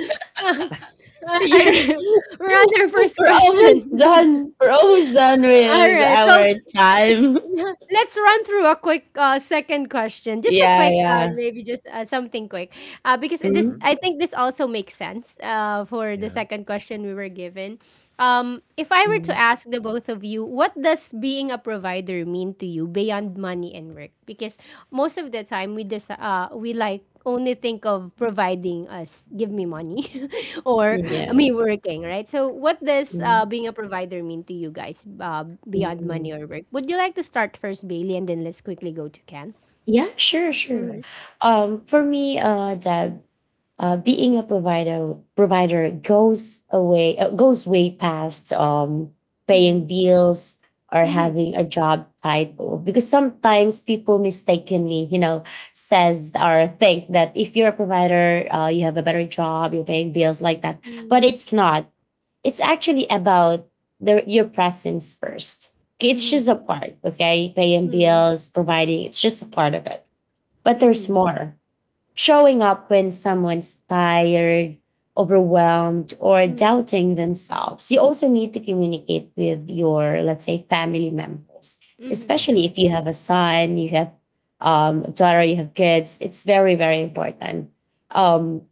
Uh, uh,
Yeah.
we're on our first
We're almost
question.
done. We're almost done
All
with
right. Well,
our time.
let's run through a quick second question. Just a
Yeah,
quick,
yeah.
maybe just something quick, because this
Mhm.
Mhm.
I think this also makes sense for the
Yeah.
second question we were given. If I were to
Mm.
ask the both of you, what does being a provider mean to you beyond money and work? Because most of the time we we like only think of providing us, give me money, or
Mm,
Yeah.
me
Yeah.
working, right? So, what does
Mm.
being a provider mean to you guys
Mm.
beyond money
mm.
or work? Would you like to start first, Bailey, and then let's quickly go to Ken?
Yeah, sure, sure.
Okay.
For me, Deb, being a provider goes way past
Mm-hmm.
paying bills or
Mm-hmm.
having a job title, because sometimes people mistakenly, you know, says or think that if you're a provider, you have a better job, you're paying bills like that. But it's not, it's actually about the, your presence first. It's
Mm-hmm.
just a part, okay, paying
Mm-hmm.
bills, providing, it's just a part of it, but there's
Mm-hmm.
more. Showing up when someone's tired, overwhelmed, or
Mm-hmm.
doubting themselves. You also need to communicate with your, let's say, family members,
Mm-hmm.
especially
Mhm.
if you have a son, you have a daughter, you have kids. It's very, very important. Um,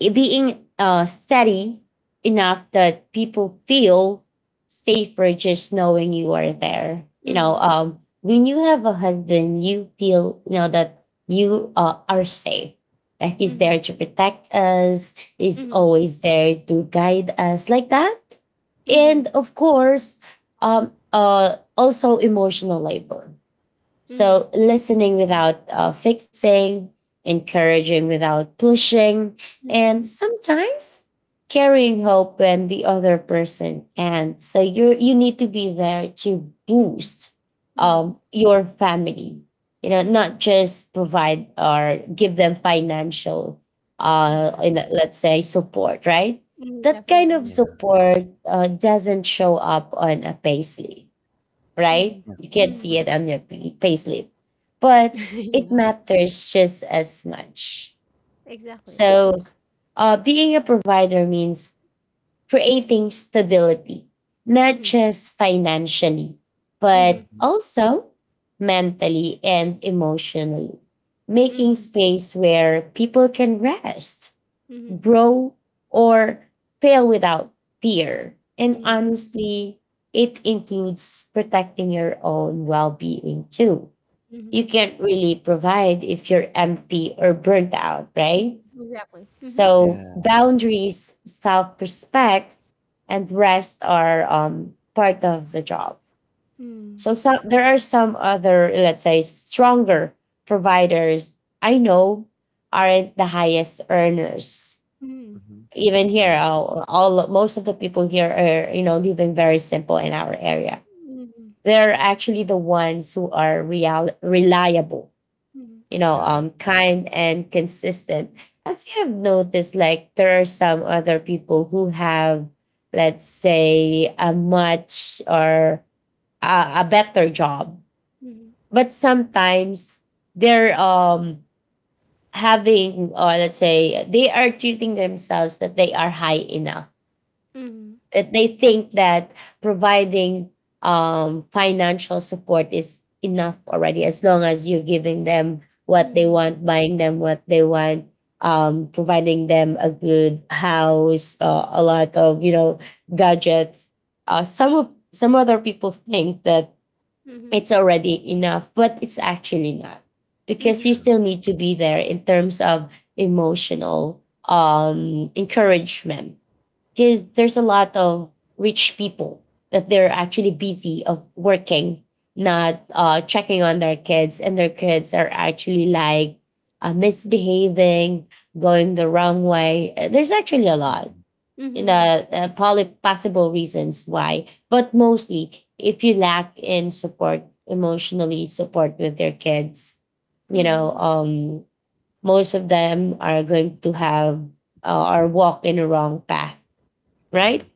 it being steady enough that people feel safer just knowing you are there. You
Mm-hmm.
know, when you have a husband, you feel, you know that you are safe. That he's
Mm-hmm.
there to protect us. He's
Mm-hmm.
always there to guide us like that.
Mm-hmm.
And of course, also emotional labor,
Mm-hmm.
so, listening
Mm,
without fixing, encouraging without pushing,
Mm-hmm.
and sometimes carrying hope when the other person can. So, you need to be there to boost
Mm-hmm.
your family. You know,
Mm-hmm.
not just provide or give them financial,
Yeah,
in, let's say support, right?
mm,
That kind of
definitely.
Yeah.
support doesn't show up on a payslip,
Mm-hmm.
right?
Yeah.
You can't
Mm-hmm.
see it
Mhm.
on your pay- payslip, but it
Yeah,
matters just as much.
exactly. Of
So,
course.
being a provider means creating stability, not
Mm-hmm.
just financially, but
Mhm.
also mentally and emotionally, making
Mm-hmm.
space where people can rest,
Mhm,
grow, or fail without fear. And
mhm,
honestly, it includes protecting your own well being too. You
mhm,
can't really provide if you're empty or burnt out,
mhm,
right?
exactly. Mhm,
So,
Yeah.
boundaries, self respect, and rest are part of the job.
mm,
So, some, there are some other, let's say, stronger providers I know aren't the highest earners.
mhm,
Mhm.
Even here,
Yeah.
all most of the people here are, you know, living very simple in our area. They're actually the ones who are real reliable,
mhm,
you know,
Yeah.
um, kind and consistent. As you have noticed, like there are some other people who have, let's say, a much or a, a better job,
mhm,
but sometimes they're um, having, or let's say they are treating themselves that they are high enough.
mhm,
They think that providing financial support is enough already, as long as you're giving them
mhm,
what they
mhm,
want, buying them what they want, providing them a good house, a lot of, you know, gadgets. Some of some other people think that it's already enough, but it's actually not, because you
mhm,
True.
still need to be there in terms of emotional um, encouragement, because there's a lot of rich people that they're actually busy of working, not checking on their kids, and their kids are actually like misbehaving, going the wrong way. There's actually a lot,
Mhm.
mhm,
you
mhm,
know, probably possible reasons why, but mostly if you lack in support, emotionally support with their kids, you know,
mhm.
um, most of them are going to have or walk in a wrong path, right?
Mhm.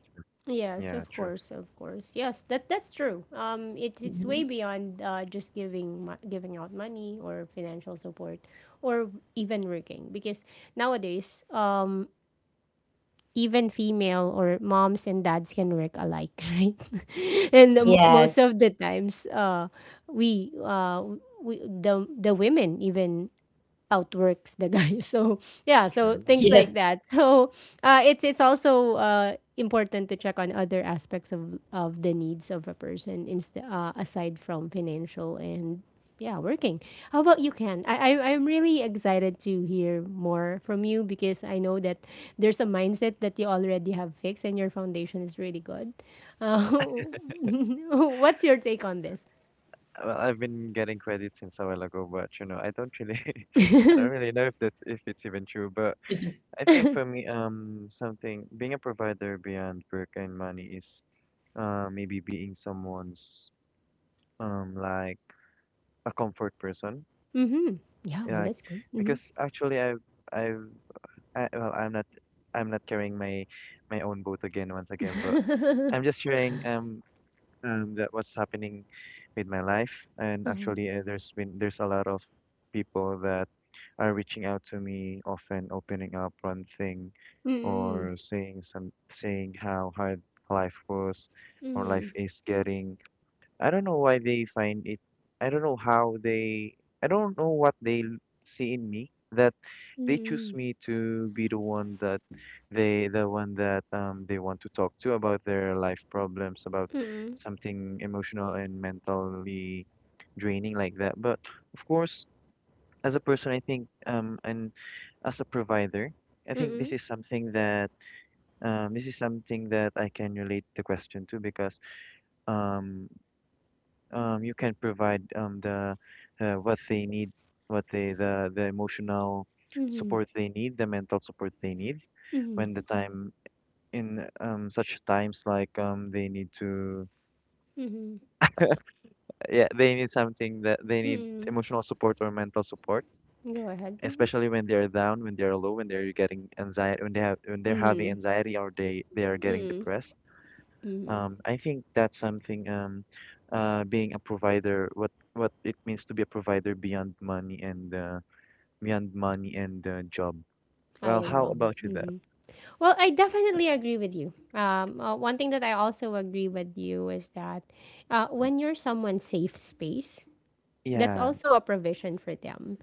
Yes,
Yeah,
of
true.
course, of course. Yes, that that's true. It's way
Mhm.
beyond just giving giving out money or financial support, or even working. Because nowadays, even female or moms and dads can work alike, right? And the,
Yeah,
most
Yes.
of the times, we, uh, we the women even outworks the guy. So yeah, so
true.
things
Yeah.
like that. So it's also important to check on other aspects of the needs of a person, aside from financial and yeah, working. How about you, Ken? I'm really excited to hear more from you because I know that there's a mindset that you already have fixed and your foundation is really good. Uh, what's your take on this?
Well, I've been getting credit since a while ago, but you know, I don't really, I don't really know if that, if it's even true. But I think for me, something being a provider beyond work and money is, maybe being someone's, like a comfort person.
Mm-hmm. Yeah, well,
Yeah, like,
that's good. Mm-hmm.
because actually, I've, well, I'm not carrying my, my own boat again once again, but I'm just sharing. That what's happening with my life. And
Uh-huh.
actually, there's a lot of people that are reaching out to me, often opening up one thing,
Mm-hmm.
or saying how hard life was, or
Mm-hmm.
life is getting. I don't know why they find it. I don't know how they. I don't know what they l- see in me that they choose
Mm-mm,
me to be the one that the one that they want to talk to about their life problems, about
mm-mm,
something emotional and mentally draining like that. But of course, as a person, I think and as a provider, I think
mm-mm,
this is something that this is something that I can relate the question to because um you can provide the what they need, what they the emotional
mhm,
support they need, the mental support they need
mhm,
when the time in such times, like they need to
mhm,
yeah, they need something, that they need
mm-mm.
emotional support or mental support,
Go ahead. Mhm.
especially when they're down, when they're low, when they're getting anxiety, when they're having
Mm,
anxiety, or they are getting
mm,
depressed.
mm.
I think that's something, being a provider, what it means to be a provider beyond money and job. Well,
I
how
agree.
about you, Deb?
Hmm. Well, I definitely agree with you. One thing that I also agree with you is that when you're someone's safe space, that's
Yeah,
also a provision for them,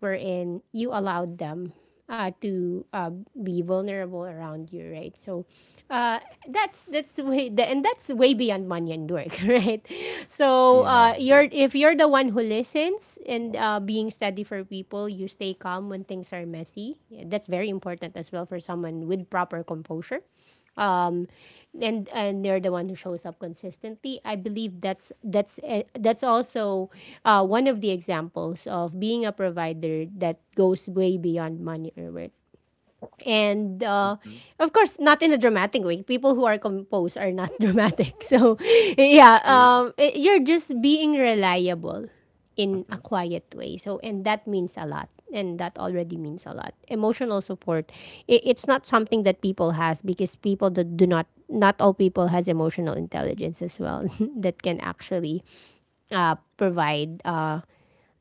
wherein you allowed them to be vulnerable around you, right? So uh, that's way the, and that's way beyond money and work, right? So
yeah.
you're if you're the one who listens, and being steady for people, you stay calm when things are messy. That's very important as well for someone with proper composure, um, and they're the one who shows up consistently. I believe that's that's also one of the examples of being a provider that goes way beyond money or work, and
Mm-hmm.
of course not in a dramatic way. People who are composed are not dramatic. So yeah,
True.
you're just being reliable in a
Mm-hmm.
quiet way. So, and that means a lot, and that already means a lot, emotional support. It's not something that people has because people that do not, not all people has emotional intelligence as well, that can actually provide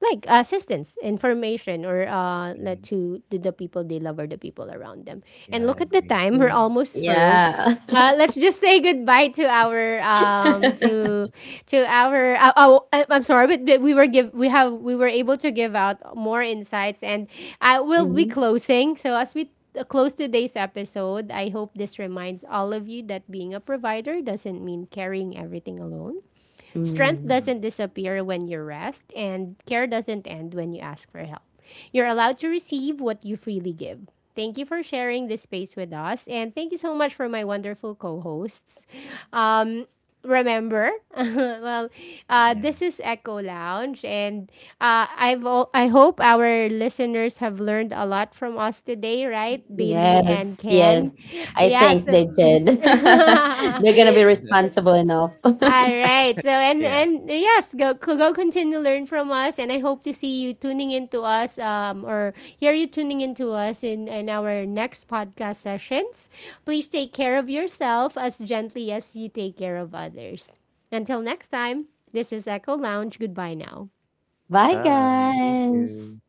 like assistance, information, or let
Mm-hmm.
to the people they love or the people around them.
Yeah,
And
I
look at the
agree.
time; we're
Mm.
almost through.
Yeah.
Let's just say goodbye to our oh, I'm sorry, but we were give we have we were able to give out more insights, and I will be
Mhm.
closing. So as we close today's episode, I hope this reminds all of you that being a provider doesn't mean carrying everything alone. Strength
Mm.
doesn't
Mm-hmm.
disappear when you rest, and care doesn't end when you ask for help. You're allowed to receive what you freely give. Thank you for sharing this space with us, and thank you so much for my wonderful co hosts. Um, Remember, well,
Yeah.
this is Echo Lounge, and I hope our listeners have learned a lot from us today, right, Bailey and
Yes, yes.
Ken?
I
Yeah,
True.
think they
so
did. They're gonna be responsible enough.
all right. So
Yeah.
and yes, go go continue to learn from us, and I hope to see you tuning into us, or hear you tuning into us in our next podcast sessions. Please take care of yourself as gently as you take care of others. Until next time, this is Echo Lounge. Goodbye now.
Bye,
Bye. Thank you.
guys.